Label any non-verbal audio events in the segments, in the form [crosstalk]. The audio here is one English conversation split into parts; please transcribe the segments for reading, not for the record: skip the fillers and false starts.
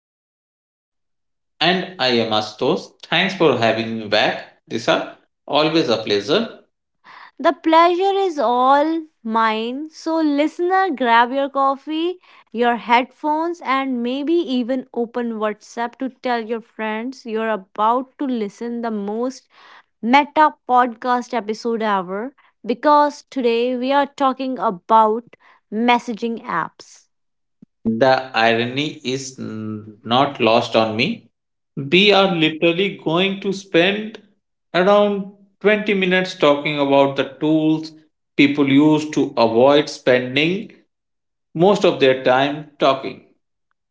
lined up. And I am Astos. Thanks for having me back, Disha. Always a pleasure. The pleasure is all mine. So listener, grab your coffee, your headphones, and maybe even open WhatsApp to tell your friends you're about to listen the most meta podcast episode ever, because today we are talking about messaging apps. The irony is not lost on me. We are literally going to spend around 20 minutes talking about the tools people use to avoid spending most of their time talking.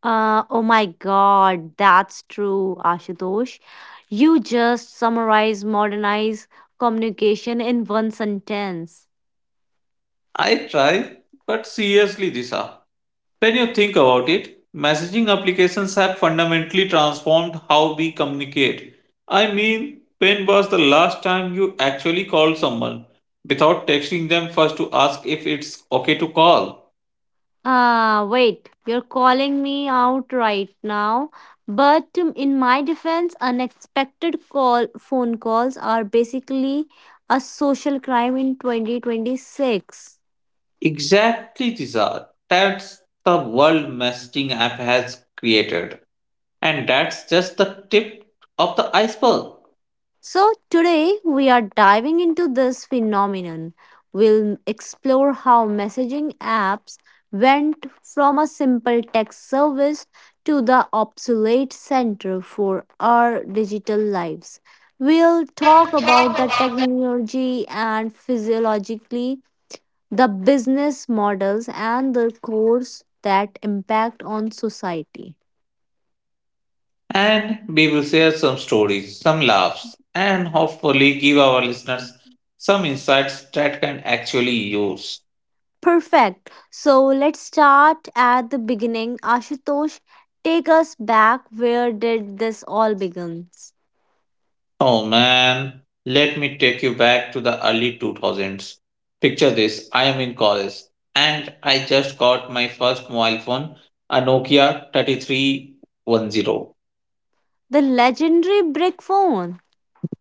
Oh my God, that's true, Ashutosh. You just summarize modernize communication in one sentence. I try, but seriously, Disha. When you think about it, messaging applications have fundamentally transformed how we communicate. I mean, when was the last time you actually called someone without texting them first to ask if it's okay to call? Ah, wait, you're calling me out right now. But in my defense, unexpected call phone calls are basically a social crime in 2026. Exactly, Tizar. That's the world messaging app has created. And that's just the tip of the iceberg. So, today we are diving into this phenomenon. We'll explore how messaging apps went from a simple text service to the obsolete center for our digital lives. We'll talk about the technology and physiologically the business models and the course that impact on society. And we will share some stories, some laughs, and hopefully give our listeners some insights that can actually use. Perfect. So let's start at the beginning. Ashutosh, take us back. Where did this all begin? Oh man, let me take you back to the early 2000s. Picture this, I am in college and I just got my first mobile phone, a Nokia 3310. The legendary brick phone.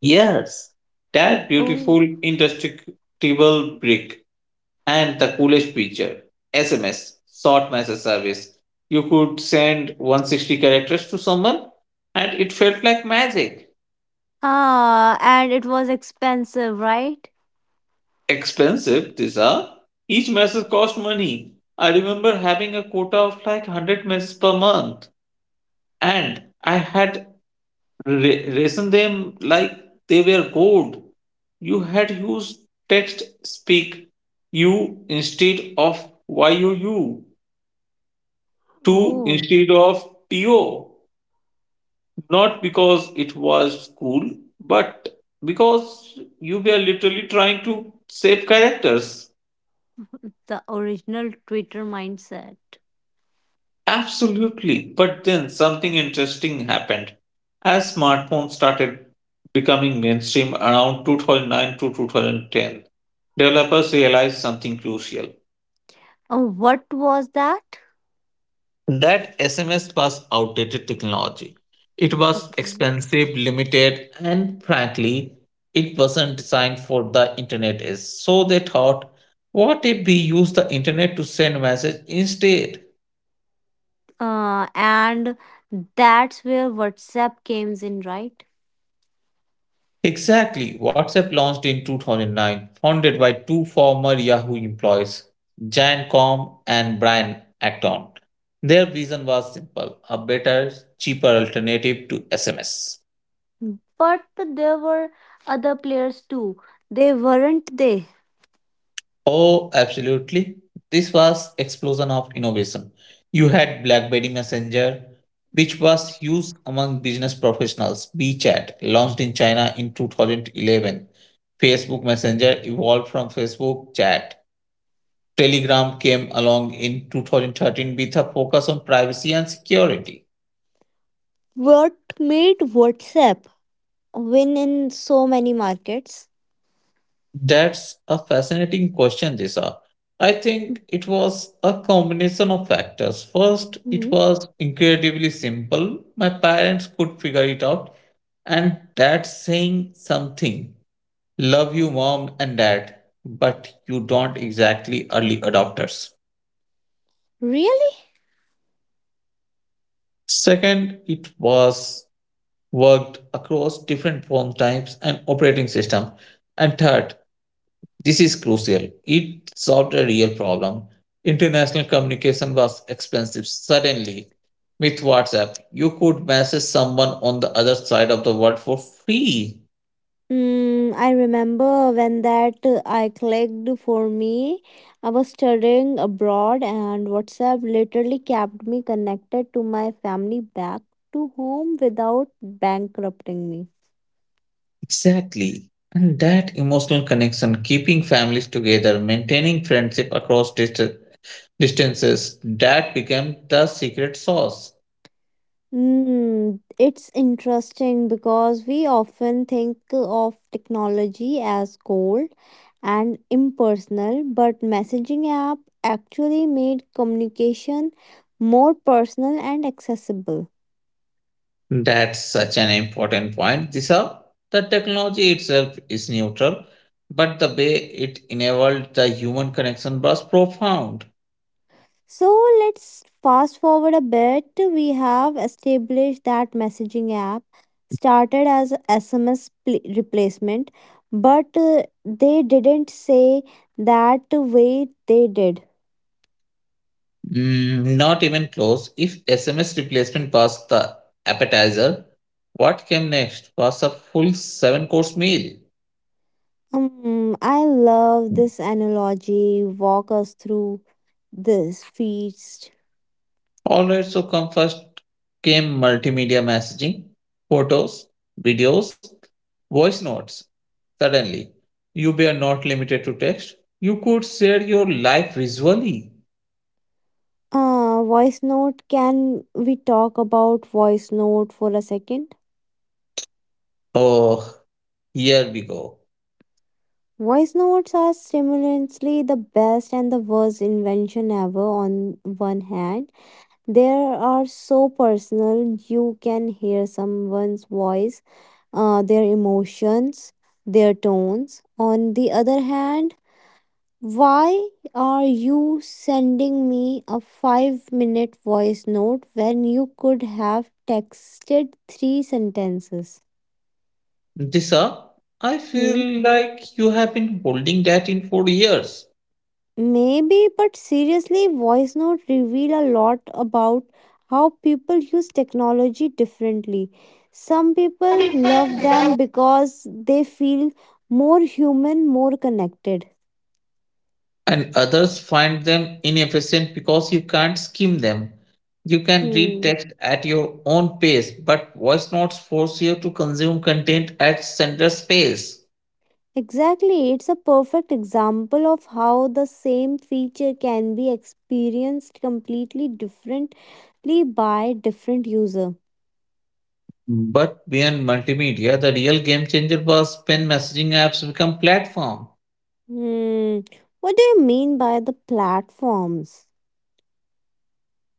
Yes, that Oh. beautiful indestructible brick, and the coolest feature, SMS, short message service. You could send 160 characters to someone and it felt like magic. Ah, and it was expensive, right? Expensive, these are. Each message cost money. I remember having a quota of like 100 messages per month and I had raised them like they were gold. You had used text speak, you instead of you, to Oh. instead of to. Not because it was cool, but because you were literally trying to save characters. The original Twitter mindset. Absolutely. But then something interesting happened. As smartphones started becoming mainstream around 2009 to 2010, developers realized something crucial. What was that? That SMS was outdated technology. It was Okay. expensive, limited, and frankly, it wasn't designed for the internet age. So they thought, what if we use the internet to send messages instead? And that's where WhatsApp came in, right? Exactly. WhatsApp launched in 2009, founded by two former Yahoo employees, Jan Com and Brian Acton. Their vision was simple, a better, cheaper alternative to SMS. But there were other players too. They weren't they? Oh, absolutely. This was explosion of innovation. You had BlackBerry Messenger, which was used among business professionals. WeChat, launched in China in 2011. Facebook Messenger evolved from Facebook chat. Telegram came along in 2013 with a focus on privacy and security. What made WhatsApp win in so many markets? That's a fascinating question, Disha. I think it was a combination of factors. First, it Mhm. was incredibly simple. My parents could figure it out, and that's saying something. Love you, mom and dad, but you don't exactly early adopters. Really? Second, it was worked across different form types and operating system. And third, this is crucial. It solved a real problem. International communication was expensive. Suddenly, with WhatsApp, you could message someone on the other side of the world for free. I remember when that I clicked for me. I was studying abroad, and WhatsApp literally kept me connected to my family back to home without bankrupting me. Exactly. And that emotional connection, keeping families together, maintaining friendship across distances, that became the secret sauce. It's interesting because we often think of technology as cold and impersonal, but messaging app actually made communication more personal and accessible. That's such an important point, Disha. The technology itself is neutral, but the way it enabled the human connection was profound. So let's fast forward a bit. We have established that messaging app started as a replacement, but they didn't say that way they did. Mm, not even close. If SMS replacement was the appetizer, what came next was a full seven course meal. I love this analogy. Walk us through this feast. Alright, so come first came multimedia messaging, photos, videos, voice notes. Suddenly, you were not limited to text. You could share your life visually. Voice note. Can we talk about voice note for a second? Oh, here we go. Voice notes are simultaneously the best and the worst invention ever. On one hand, they are so personal. You can hear someone's voice, their emotions, their tones. On the other hand, why are you sending me a 5-minute voice note when you could have texted 3 sentences? Disha, I Hmm? feel like you have been holding that in for years, Maybe, but seriously, voice notes reveal a lot about how people use technology differently. Some people love them because they feel more human, more connected. and others find them inefficient because you can't skim them. You can read Hmm. text at your own pace, but voice notes force you to consume content at sender's pace. Exactly, it's a perfect example of how the same feature can be experienced completely differently by different user. But beyond multimedia, the real game changer was when messaging apps become platform. Hmm. What do you mean by the platforms?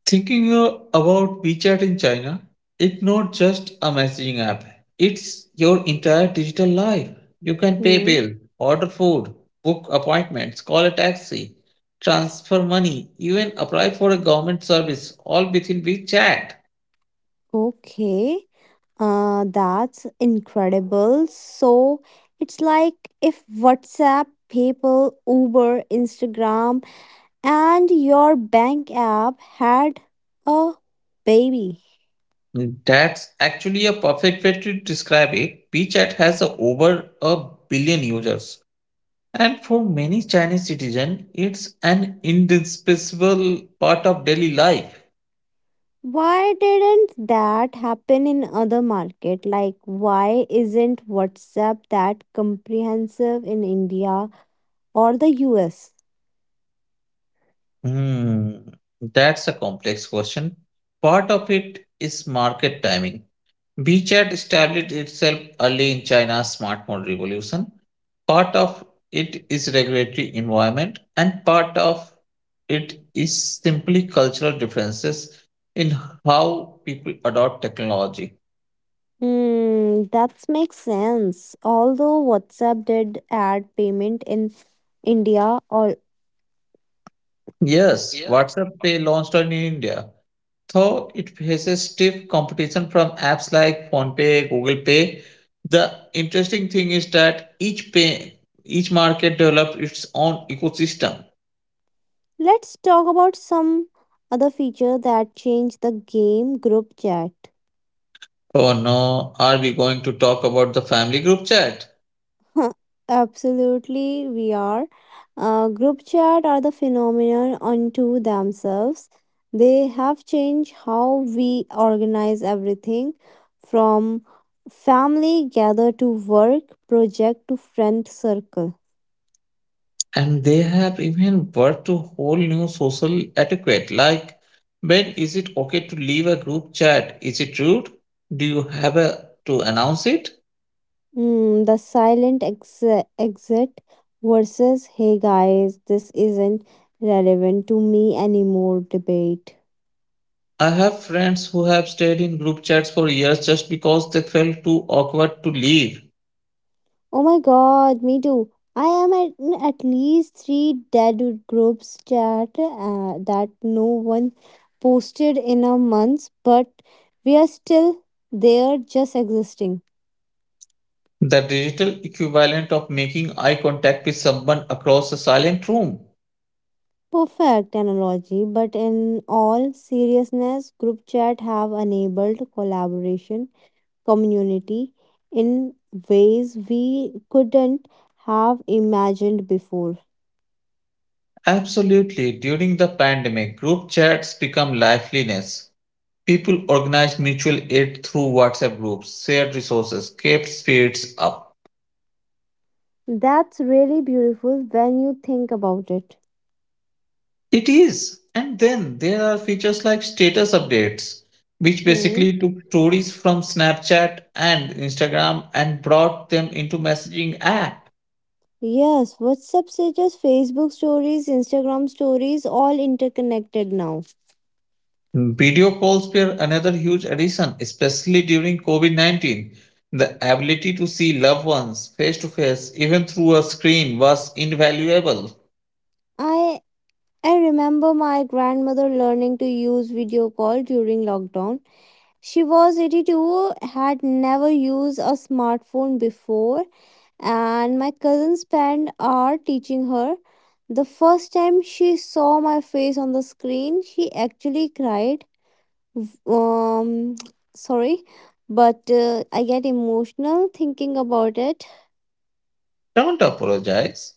Thinking about WeChat in China, it's not just a messaging app. It's your entire digital life. You can pay Hmm. bill, order food, book appointments, call a taxi, transfer money, even apply for a government service, all within WeChat. Okay. That's incredible. So it's like if WhatsApp, PayPal, Uber, Instagram, and your bank app had a baby. That's actually a perfect way to describe it. WeChat has over a billion users. And for many Chinese citizens, it's an indispensable part of daily life. Why didn't that happen in other market? Like why isn't WhatsApp that comprehensive in India or the US? Hmm, that's a complex question. Part of it is market timing. WeChat established itself early in China's smartphone revolution. Part of it is regulatory environment, and part of it is simply cultural differences in how people adopt technology. Hmm, that makes sense. Although WhatsApp did add payment in India. Or Yes, WhatsApp they launched in India, though it faces stiff competition from apps like PhonePe, Google Pay, the interesting thing is that each pay, each market developed its own ecosystem. let's talk about some other feature that changed the game group chat. Oh no, are we going to talk about the family group chat? [laughs] Huh, absolutely, we are. Group chat are the phenomenon unto themselves. They have changed how we organize everything from family gather to work, project to friend circle. And they have even birthed to whole new social etiquette like when is it okay to leave a group chat? Is it rude? Do you have a, to announce it? The silent exit versus hey guys, this isn't relevant to me anymore debate. I have friends who have stayed in group chats for years just because they felt too awkward to leave. Oh my god, me too. I am at, in at least three dead groups chat that no one posted in a month, but we are still there just existing. The digital equivalent of making eye contact with someone across a silent room. Perfect analogy, but in all seriousness, group chat have enabled collaboration, community in ways we couldn't have imagined before. Absolutely. During the pandemic, group chats become lifeliness. People organize mutual aid through WhatsApp groups, shared resources, kept spirits up. That's really beautiful when you think about it. It is. And then there are features like status updates, which Hmm, basically took stories from Snapchat and Instagram and brought them into messaging app. yes, WhatsApp status, Facebook stories, Instagram stories, all interconnected now. Video calls were another huge addition, especially during COVID-19. The ability to see loved ones face to face, even through a screen, was invaluable. I I remember my grandmother learning to use video call during lockdown. She was 82, had never used a smartphone before, and my cousin spent hour teaching her. The first time she saw my face on the screen, she actually cried. Um, [tsk] sorry, but I get emotional thinking about it. Don't apologize.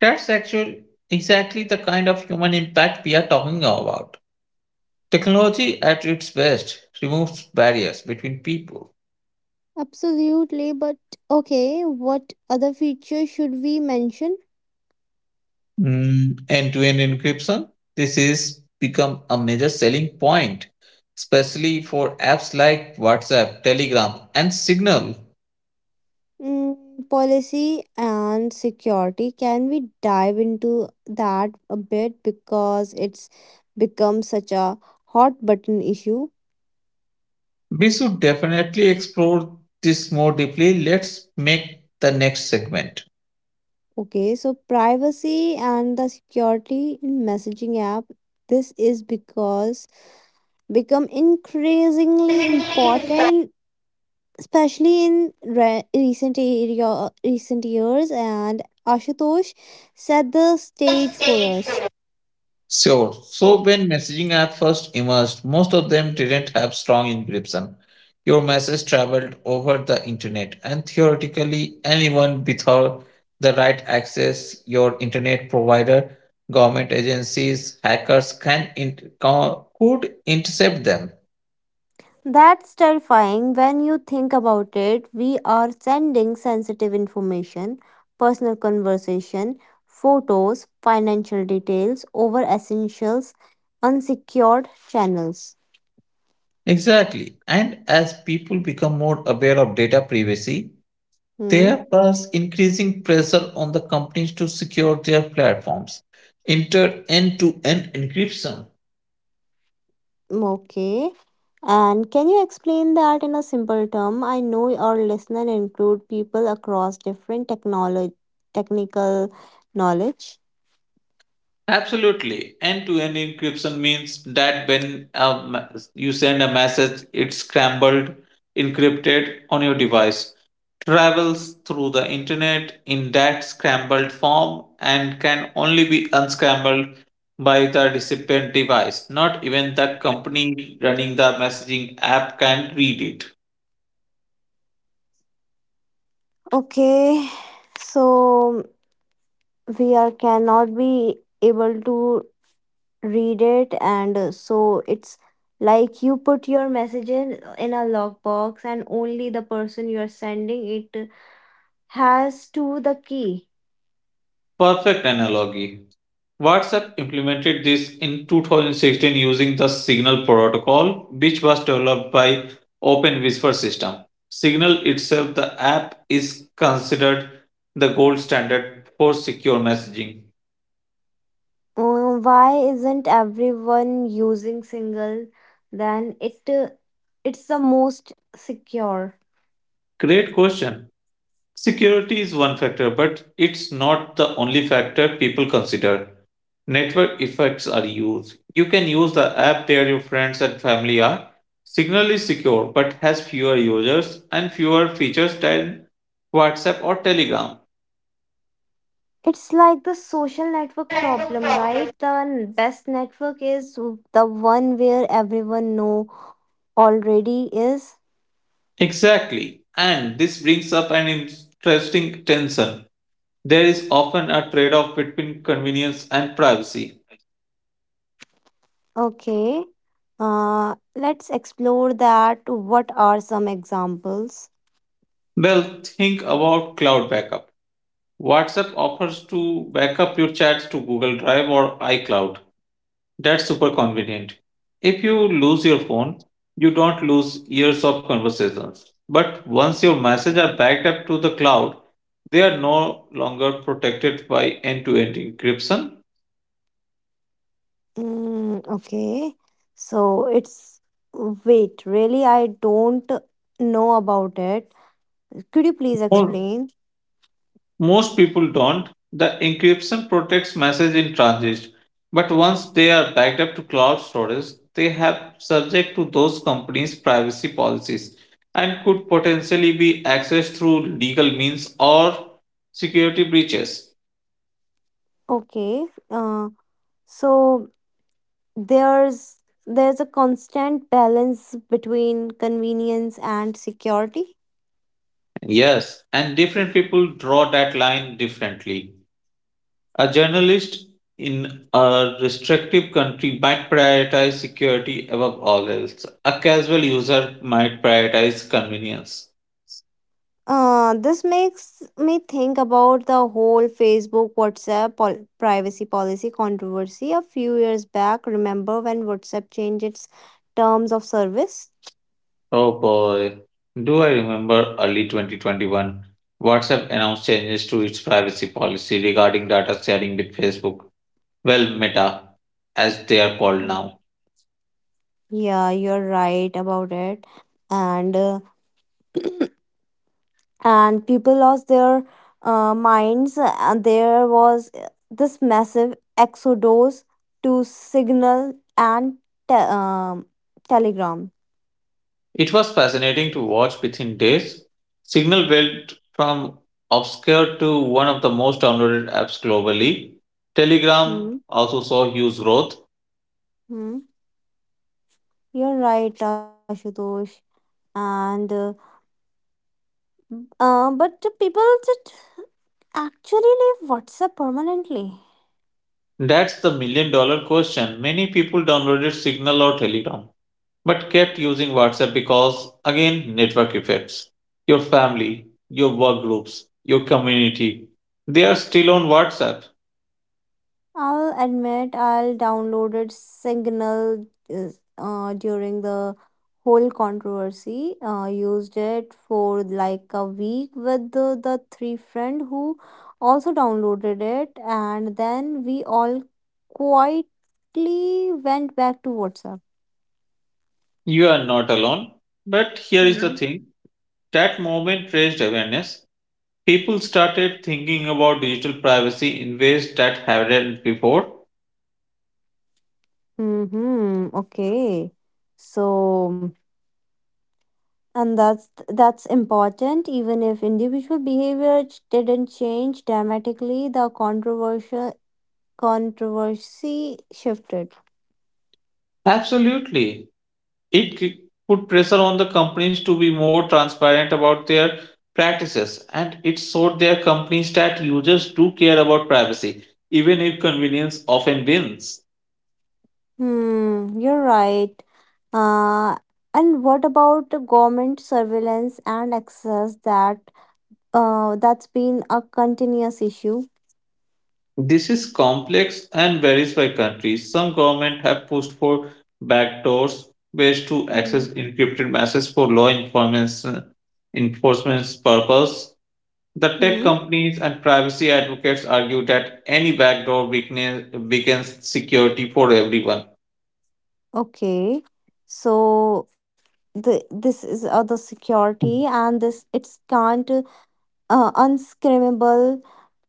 That's actually exactly the kind of human impact we are talking about. Technology at its best removes barriers between people. Absolutely, but okay, what other features should we mention? Mm, end-to-end encryption. This is become a major selling point, especially for apps like WhatsApp, Telegram, and Signal. Policy and security. Can we dive into that a bit because it's become such a hot button issue? We should definitely explore this more deeply. Let's make the next segment. Okay, so privacy and the security in messaging app. This is because become increasingly important, especially in re- recent area recent years, and ashutosh set the stage for us. Sure. So when messaging app first emerged, most of them didn't have strong encryption. Your message traveled over the internet, and theoretically, anyone without the right access, your internet provider, government agencies, hackers can could intercept them. That's terrifying when you think about it. We are sending sensitive information, personal conversation, photos, financial details over essentials, unsecured channels. Exactly. And as people become more aware of data privacy, Hmm. there was increasing pressure on the companies to secure their platforms, enter end to end encryption. Okay. And can you explain that in a simple term? I know our listener include people across different technology technical knowledge. Absolutely. End to end encryption means that when you send a message, it's scrambled, encrypted on your device, travels through the internet in that scrambled form, and can only be unscrambled by the recipient device. Not even the company running the messaging app can read it. Okay. So we are cannot be able to read it, and so it's like you put your message in a lockbox, and only the person you are sending it has to the key. Perfect analogy. WhatsApp implemented this in 2016 using the Signal protocol, which was developed by Open Whisper System. Signal itself, the app, is considered the gold standard for secure messaging. Why isn't everyone using single? Then it's the most secure. Great question. Security is one factor, but it's not the only factor people consider. Network effects are used. You can use the app where your friends and family are. Signal is secure but has fewer users and fewer features than WhatsApp or Telegram. It's like the social network problem, right? The best network is the one where everyone know already is. Exactly. And this brings up an interesting tension. There is often a trade off between convenience and privacy. Okay. Let's explore that. What are some examples? Well, think about cloud backup. WhatsApp offers to backup your chats to Google Drive or iCloud. That's super convenient. If you lose your phone, you don't lose years of conversations. But once your messages are backed up to the cloud, they are no longer protected by end to end encryption. Okay. So it's wait, really I don't know about it. Could you please Or explain? most people don't. The encryption protects messages in transit. But once they are backed up to cloud storage, they have subject to those companies' privacy policies and could potentially be accessed through legal means or security breaches. Okay. So there's a constant balance between convenience and security. Yes, and different people draw that line differently. A journalist in a restrictive country might prioritize security above all else. A casual user might prioritize convenience. This makes me think about the whole Facebook WhatsApp privacy policy controversy a few years back. Remember when WhatsApp changed its terms of service? Oh boy, do I remember early 2021? WhatsApp announced changes to its privacy policy regarding data sharing with Facebook. Well, Meta, as they are called Mm. now. Yeah, you're right about it. And uh, and people lost their minds, and there was this massive exodus to signal and te- um, telegram. It was fascinating to watch within days. Signal went from obscure to one of the most downloaded apps globally. Telegram Hmm, also saw huge growth. hmm, you're right ashutosh. And But the people just actually leave whatsapp permanently? That's the million dollar question. Many people downloaded Signal or Telegram, but kept using WhatsApp because, again, network effects. Your family, your work groups, your community, they are still on WhatsApp. I'll admit I'll downloaded Signal during the whole controversy. Used it for like a week with the three friend who also downloaded it, and then we all quietly went back to WhatsApp. You are not alone. But here is the thing, that moment raised awareness. People started thinking about digital privacy in ways that hadn't before. Mm-hmm. Okay. So, and that's important. Even if individual behavior didn't change dramatically, the controversial controversy shifted. Absolutely. It put pressure on the companies to be more transparent about their practices, and it showed their companies that users do care about privacy, even if convenience often wins. Hmm, you're right. Uh, and what about the government surveillance and access? That's been a continuous issue. This is complex and varies by country. Some governments have pushed for backdoors, ways to Hmm. access encrypted messages for law enforcement enforcement's purpose. The tech Hmm, companies and privacy advocates argue that any backdoor weakness weakens security for everyone. okay. So this is other security, and this it's can't, unscreamable,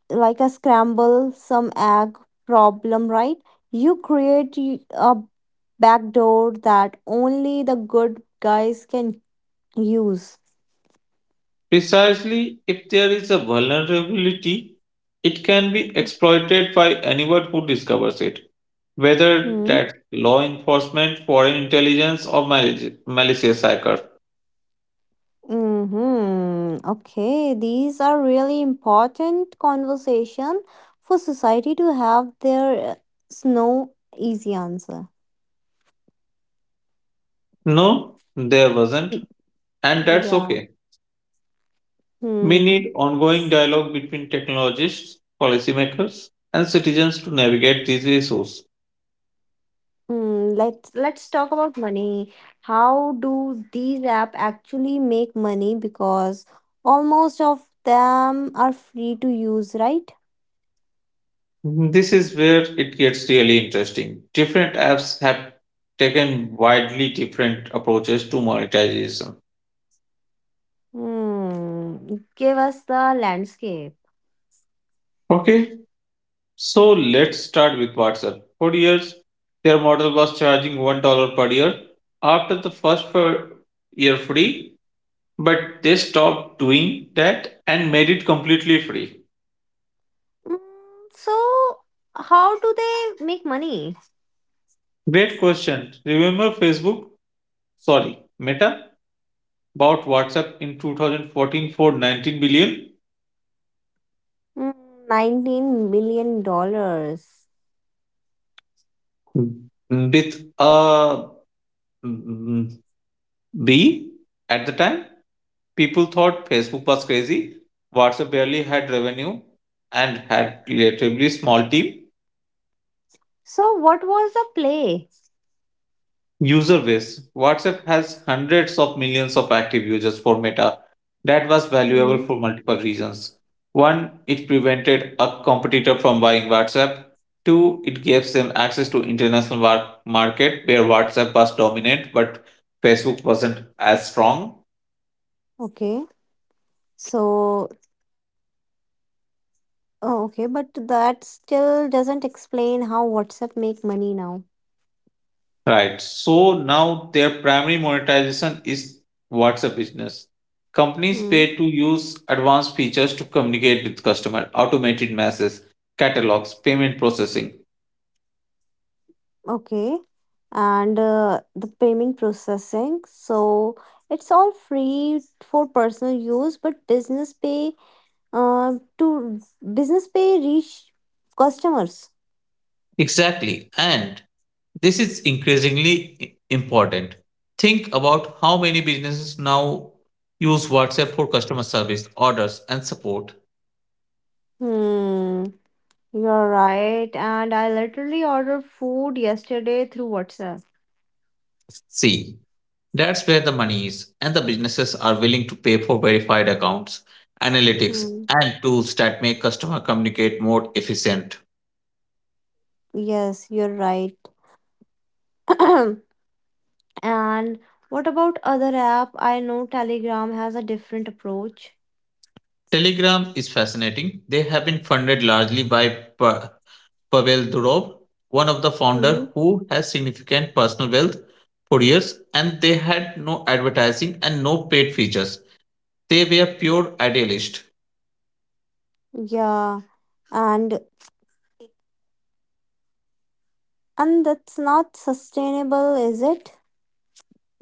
like a scramble some egg problem, right? You create a backdoor that only the good guys can use. Precisely, if there is a vulnerability, it can be exploited by anyone who discovers it, whether Hmm. that's law enforcement, foreign intelligence, or malicious hacker. Mm-hmm. Okay, these are really important conversation for society to have. Their no easy answer. No, there wasn't, Y- and that's yeah. okay. We Hmm. need ongoing dialogue between technologists, policymakers, and citizens to navigate these issues. Hmm, let's talk about money. How do these apps actually make money? Because almost of them are free to use, right? This is where it gets really interesting. Different apps have taken widely different approaches to monetization. Hmm, give us the landscape. Okay, so let's start with WhatsApp. For years, their model was charging $1 per year after the first per year free, but they stopped doing that and made it completely free. Mm, so how do they make money? Great question. Remember Facebook? Sorry, Meta bought WhatsApp in 2014 for 19 billion. Mm, 19 million dollars. Mm, With uh, mm, B at the time, people thought Facebook was crazy. WhatsApp barely had revenue and had relatively small team So what was the play? user base. WhatsApp has hundreds of millions of active users for Meta. That was valuable Mm, for multiple reasons. One, it prevented a competitor from buying WhatsApp. Two, it gives them access to international market where WhatsApp was dominant but Facebook wasn't as strong. okay. So oh, okay, but that still doesn't explain how WhatsApp make money now. Right. So now their primary monetization is WhatsApp business. Companies Hmm. pay to use advanced features to communicate with customer, automated messages, catalogs, payment processing. Okay. And the payment processing. So it's all free for personal use, but business pay to business pay reach customers. Exactly. And this is increasingly important. Think about how many businesses now use WhatsApp for customer service, orders, and support. Hmm. You're right. And I literally ordered food yesterday through WhatsApp. See, that's where the money is, and the businesses are willing to pay for verified accounts, analytics, Hmm. and tools that make customer communicate more efficient. Yes, you're right. [clears throat] And what about other app? I know Telegram has a different approach. Telegram is fascinating. They have been funded largely by Pavel Durov, one of the Hmm. founder who has significant personal wealth for years, and they had no advertising and no paid features. They were pure idealist. Yeah. And and that's not sustainable is it?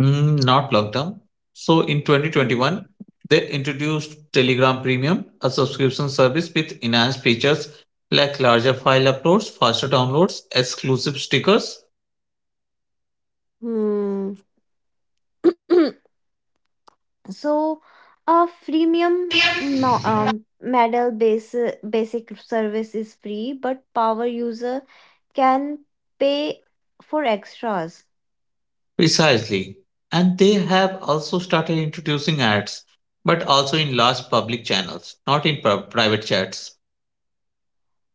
Mm, not long term. So in 2021, they introduced Telegram Premium, a subscription service with enhanced features like larger file uploads, faster downloads, exclusive stickers. Hmm. [clears throat] So a freemium mo- um, model base basic service is free, but power user can pay for extras. Precisely. And they have also started introducing ads, but also in large public channels, not in private chats.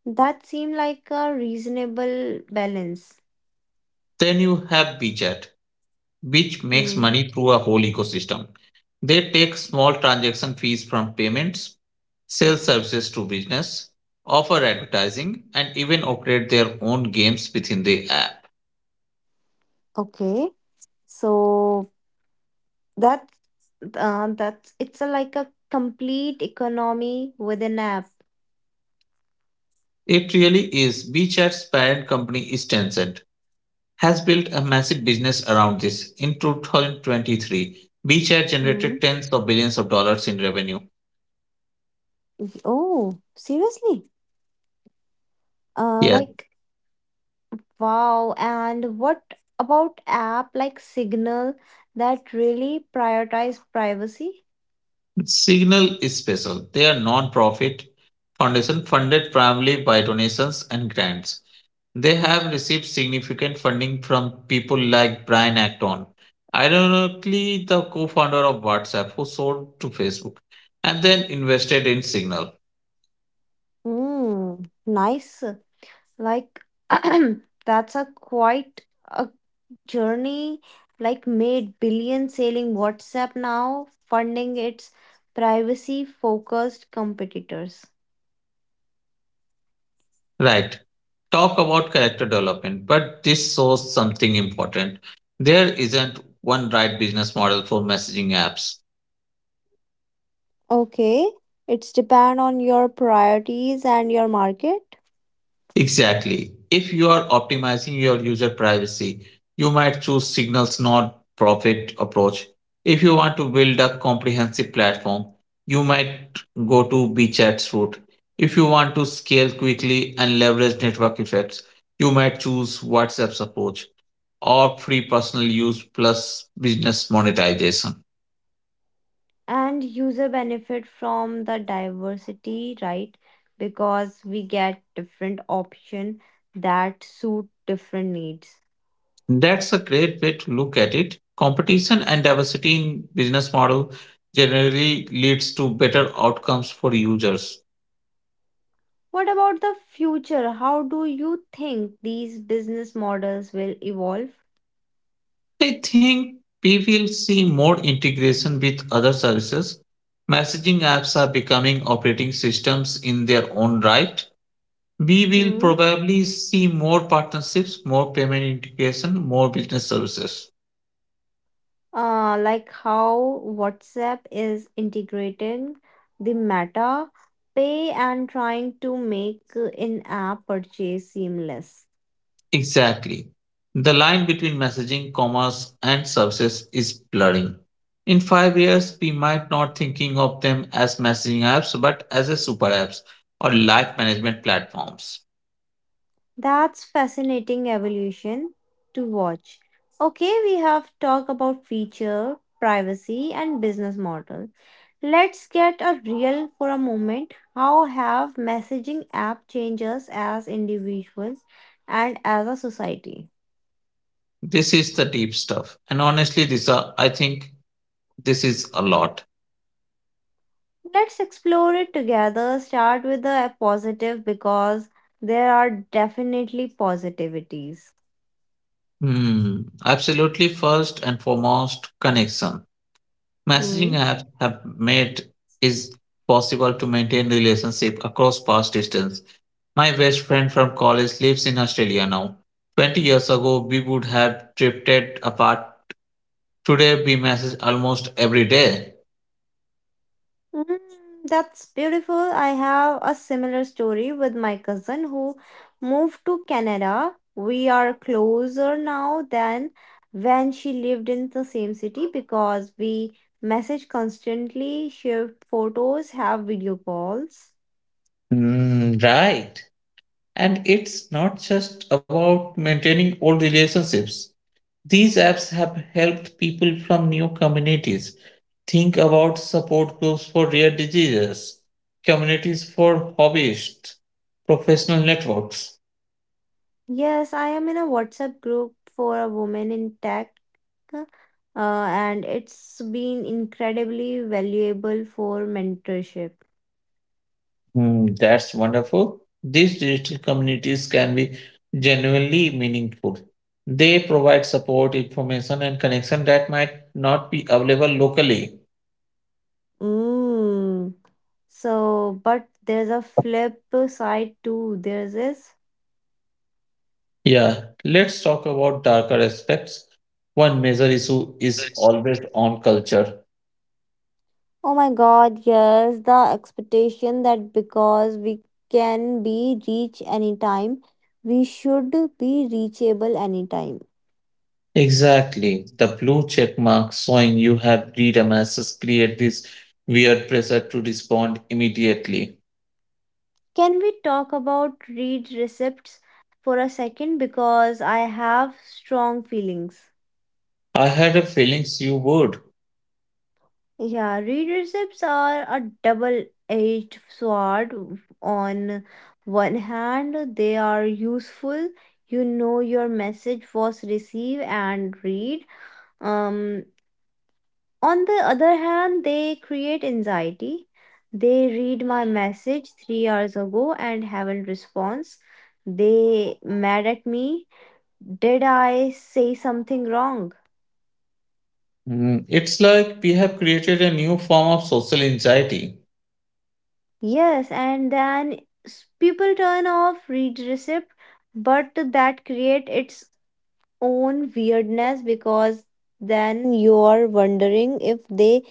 That seem like a reasonable balance. Then you have WeChat, which makes Hmm. money through a whole ecosystem. They take small transaction fees from payments, sell services to business, offer advertising, and even operate their own games within the app. Okay, so that's it's a, like a complete economy with an app. It really is. WeChat's parent company is Tencent, has built a massive business around this. In 2023, WeChat Hmm. generated tens of billions of dollars in revenue. Oh seriously? Uh, Yes, like wow, and what about app like Signal that really prioritize privacy? Signal is special. They are non-profit foundation funded primarily by donations and grants. They have received significant funding from people like Brian Acton, ironically, the co founder of WhatsApp, who sold to Facebook and then invested in Signal. Hmm, nice. Like [clears throat] that's a quite a journey, like made billion selling WhatsApp, now funding its privacy focused competitors. Right. Talk about character development, but this shows something important. There isn't one right business model for messaging apps. Okay, it's depend on your priorities and your market. Exactly. If you are optimizing your user privacy, you might choose signals not profit approach. If you want to build a comprehensive platform, you might go to BChat's route. If you want to scale quickly and leverage network effects, you might choose WhatsApp's approach or free personal use plus business monetization. And user benefit from the diversity, right? Because we get different option that suit different needs. That's a great way to look at it. Competition and diversity in business model generally leads to better outcomes for users. What about the future? How do you think these business models will evolve? I think we will see more integration with other services. Messaging apps are becoming operating systems in their own right. We will Hmm. probably see more partnerships, more payment integration, more business services. Like how WhatsApp is integrating the Meta Pay and trying to make in-app purchase seamless. Exactly. The line between messaging, commerce, and services is blurring. In 5 years, we might not thinking of them as messaging apps, but as a super apps or life management platforms. That's fascinating evolution to watch. Okay, we have talked about feature, privacy, and business model. Let's get a real for a moment. How have messaging app changes as individuals and as a society? This is the deep stuff, and honestly, this are I think this is a lot. Let's explore it together. Start with the positive because there are definitely positivities. Hmm. Absolutely. First and foremost, connection. Messaging Hmm. apps have made is possible to maintain relationship across past distance. My best friend from college lives in Australia now. 20 years ago, we would have drifted apart. Today, we message almost every day. Mm, that's beautiful. I have a similar story with my cousin who moved to Canada. We are closer now than when she lived in the same city because we message constantly, share photos, have video calls. Mm, right. And it's not just about maintaining old relationships. These apps have helped people from new communities, think about support groups for rare diseases, communities for hobbyists, professional networks. Yes, I am in a WhatsApp group for a woman in tech, uh, and it's been incredibly valuable for mentorship. Hmm, that's wonderful. These digital communities can be genuinely meaningful. They provide support, information, and connection that might not be available locally. Mm. So, but there's a flip side too. There's this. Yeah, let's talk about darker aspects. One major issue is always on culture. Oh my god, yes, the expectation that because we can be reached anytime, we should be reachable anytime. Exactly. The blue check mark showing you have read a message create this weird pressure to respond immediately. Can we talk about read receipts for a second? Because I have strong feelings. I had a feelings you would. Yeah, readerships are a double-edged sword. On one hand, they are useful. You know your message was received and read. Um, on the other hand, they create anxiety. They read my message 3 hours ago and haven't response. They mad at me. Did I say something wrong? Mm, it's like we have created a new form of social anxiety. Yes, and then people turn off read receipt, but that create its own weirdness because then you are wondering if they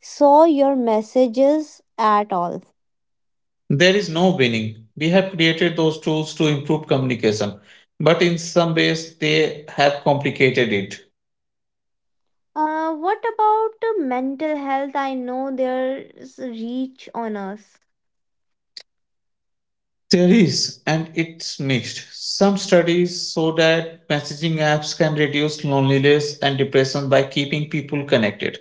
saw your messages at all. There is no winning. We have created those tools to improve communication, but in some ways they have complicated it. What about the mental health? I know there's reach on us. There is, and it's mixed. Some studies show that messaging apps can reduce loneliness and depression by keeping people connected.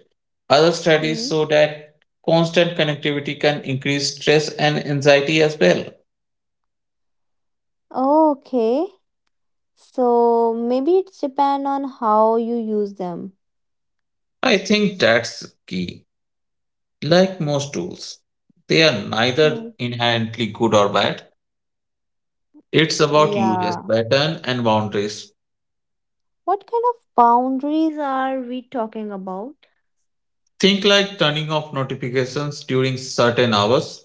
Other studies Mm. show that constant connectivity can increase stress and anxiety as well. Okay, so maybe it's depend on how you use them. I think that's key. Like most tools, they are neither Mm. inherently good or bad. It's about usage Yeah. pattern and boundaries. What kind of boundaries are we talking about? Think like turning off notifications during certain hours,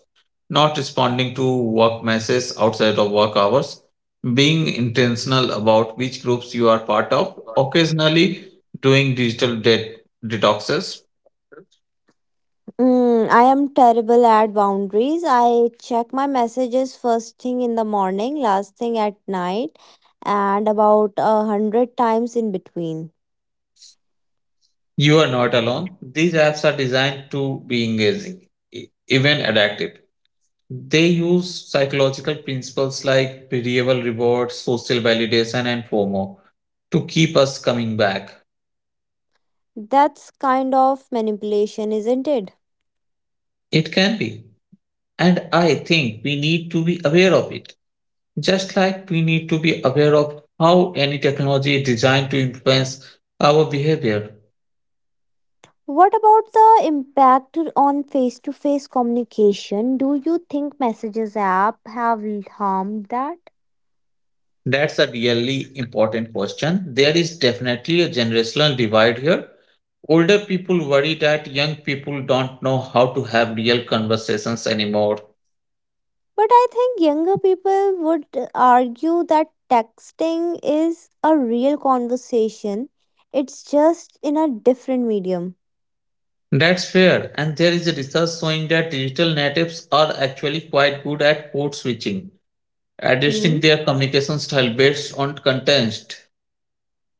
not responding to work messages outside of work hours, being intentional about which groups you are part of, occasionally doing detoxes. I am terrible at boundaries. I check my messages first thing in the morning, last thing at night, and about a hundred times in between. You are not alone. These apps are designed to be engaging, even adaptive. They use psychological principles like medieval rewards, social validation, and FOMO to keep us coming back. That's kind of manipulation, isn't it? It can be. And I think we need to be aware of it. Just like we need to be aware of how any technology is designed to influence our behavior. What about the impact on face to face communication? Do you think messages app have harmed that? That's a really important question. There is definitely a generational divide here. Older people worry that young people don't know how to have real conversations anymore. But I think younger people would argue that texting is a real conversation. It's just in a different medium. That's fair, and there is a research showing that digital natives are actually quite good at code switching, Hmm? adjusting their communication style based on context.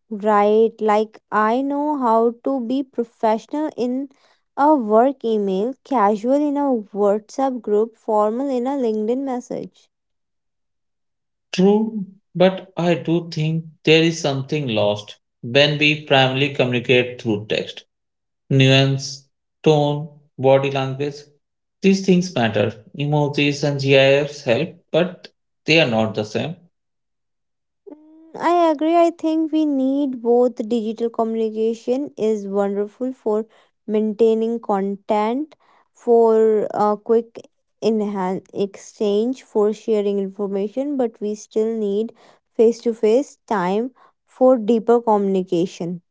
Right, like I know how to be professional in a work email, casual in a WhatsApp group, formal in a LinkedIn message. True, but I do think there is something lost when we primarily communicate through text. Nuance, tone, body language, these things matter. Emojis and GIFs help, but they are not the same. Mm, I agree. I think we need both. Digital communication is wonderful for maintaining content, for quick enhance exchange, for sharing information, but we still need face to face time for deeper communication.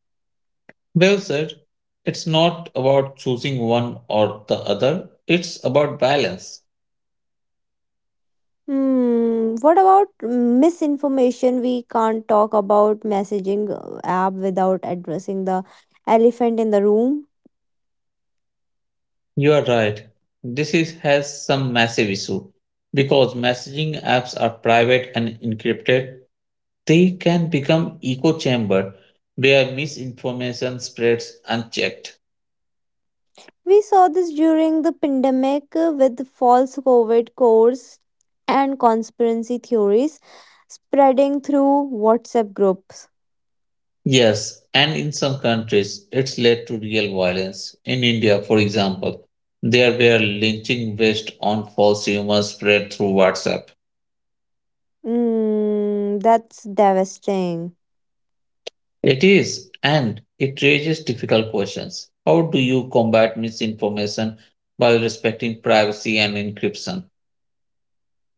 Well said. It's not about choosing one or the other. It's about balance. Hmm. What about misinformation? We can't talk about messaging app without addressing the elephant in the room. You are right. This is has some massive issue because messaging apps are private and encrypted. They can become echo chamber where misinformation spreads unchecked. We saw this during the pandemic with false COVID codes and conspiracy theories spreading through WhatsApp groups. Yes, and in some countries it's led to real violence. In India, for example, there were lynching based on false rumors spread through WhatsApp. That's devastating. It is, and it raises difficult questions. How do you combat misinformation while respecting privacy and encryption?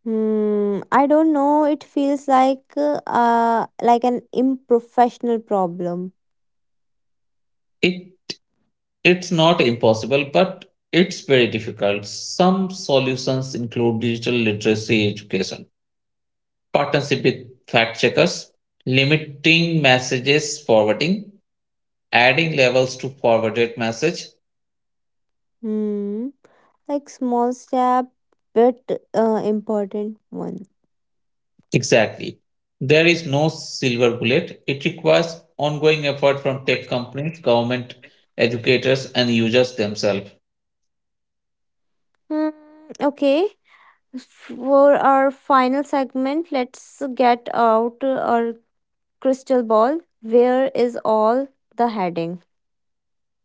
Hmm, I don't know. It feels like an improfessional problem. It it's not impossible, but it's very difficult. Some solutions include digital literacy education, partnership with fact checkers, limiting messages forwarding, adding levels to forwarded message. Hmm, like small step, but important one. Exactly. There is no silver bullet. It requires ongoing effort from tech companies, government, educators, and users themselves. Hmm, okay. For our final segment, let's get out our crystal ball. Where is all the heading?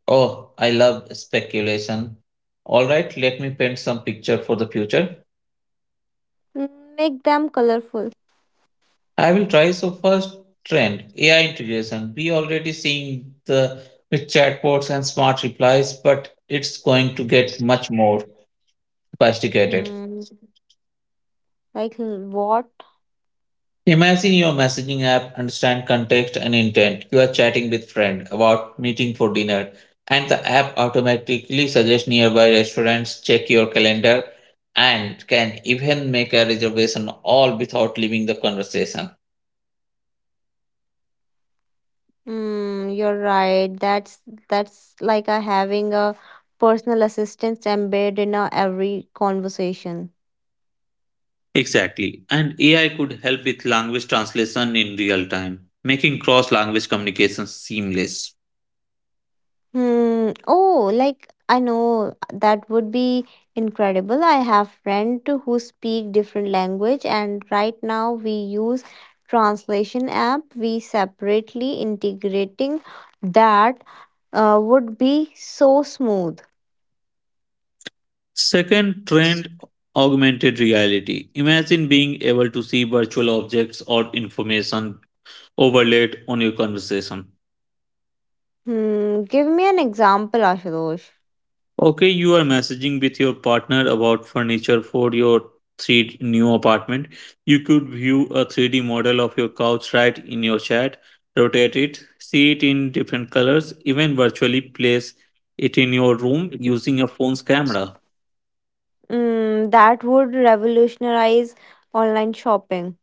Oh, I love speculation. All right, let me paint some picture for the future. Make them colorful. I will try. So, first trend, AI integration. We already seeing the with chatbots and smart replies, but it's going to get much more sophisticated. Hmm, like what? Imagine your messaging app understand context and intent. You are chatting with friend about meeting for dinner and the app automatically suggests nearby restaurants, check your calendar and can even make a reservation all without leaving the conversation. Hmm, you're right. That's like a having a personal assistant embedded in our every conversation. Exactly. And AI could help with language translation in real time, making cross language communication seamless. Hmm. Oh, like I know that would be incredible. I have friends who speak different language, and right now we use translation app. We separately integrating that would be so smooth. Second trend, augmented reality. Imagine being able to see virtual objects or information overlaid on your conversation. Hmm. Give me an example, Ashutosh. Okay, you are messaging with your partner about furniture for your three new apartment. You could view a 3D model of your couch right in your chat, rotate it, see it in different colors, even virtually place it in your room using your phone's camera. Hmm. That would revolutionize online shopping.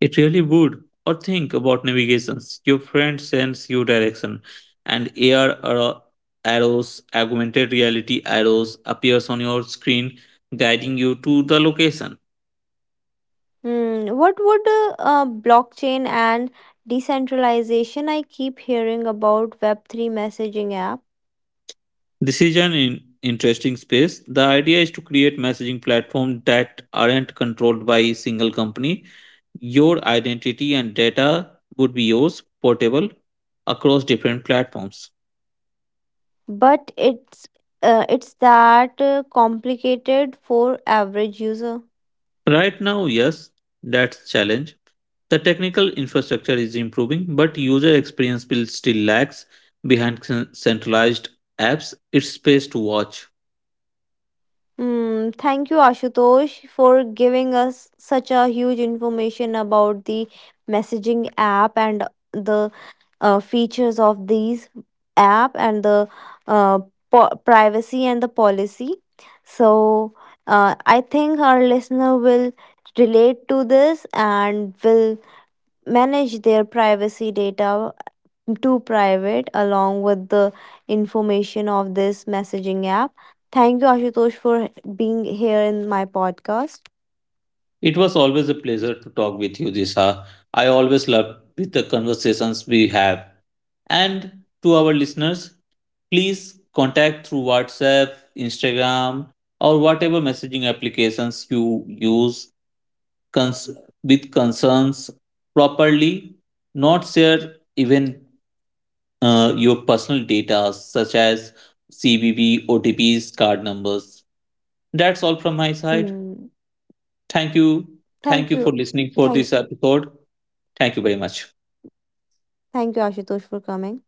It really would. Or think about navigations. Your friend sends you direction, and arrows, augmented reality arrows appears on your screen, guiding you to the location. Hmm. What would blockchain and decentralization? I keep hearing about Web3 messaging app, This is an interesting space. The idea is to create messaging platforms that aren't controlled by a single company. Your identity and data would be yours, portable across different platforms. but it's that complicated for average user. Right now, yes, that's challenge. The technical infrastructure is improving, but user experience will still lags behind centralized apps. It's space to watch. Hmm. Thank you Ashutosh for giving us such a huge information about the messaging app and the features of these app and the uh, privacy and the policy. So I think our listener will relate to this and will manage their privacy data to private along with the information of this messaging app. Thank you ashutosh for being here in my podcast. It was always a pleasure to talk with you, Disha. I always love with the conversations we have. And to our listeners, please contact through WhatsApp, Instagram, or whatever messaging applications you use cons- with concerns properly, not share even your personal data such as CVV, OTPs, card numbers. That's all from my side. Mm, Thank you. Thank Thank you for you. listening for thank this episode. Thank you very much. Thank you ashutosh for coming.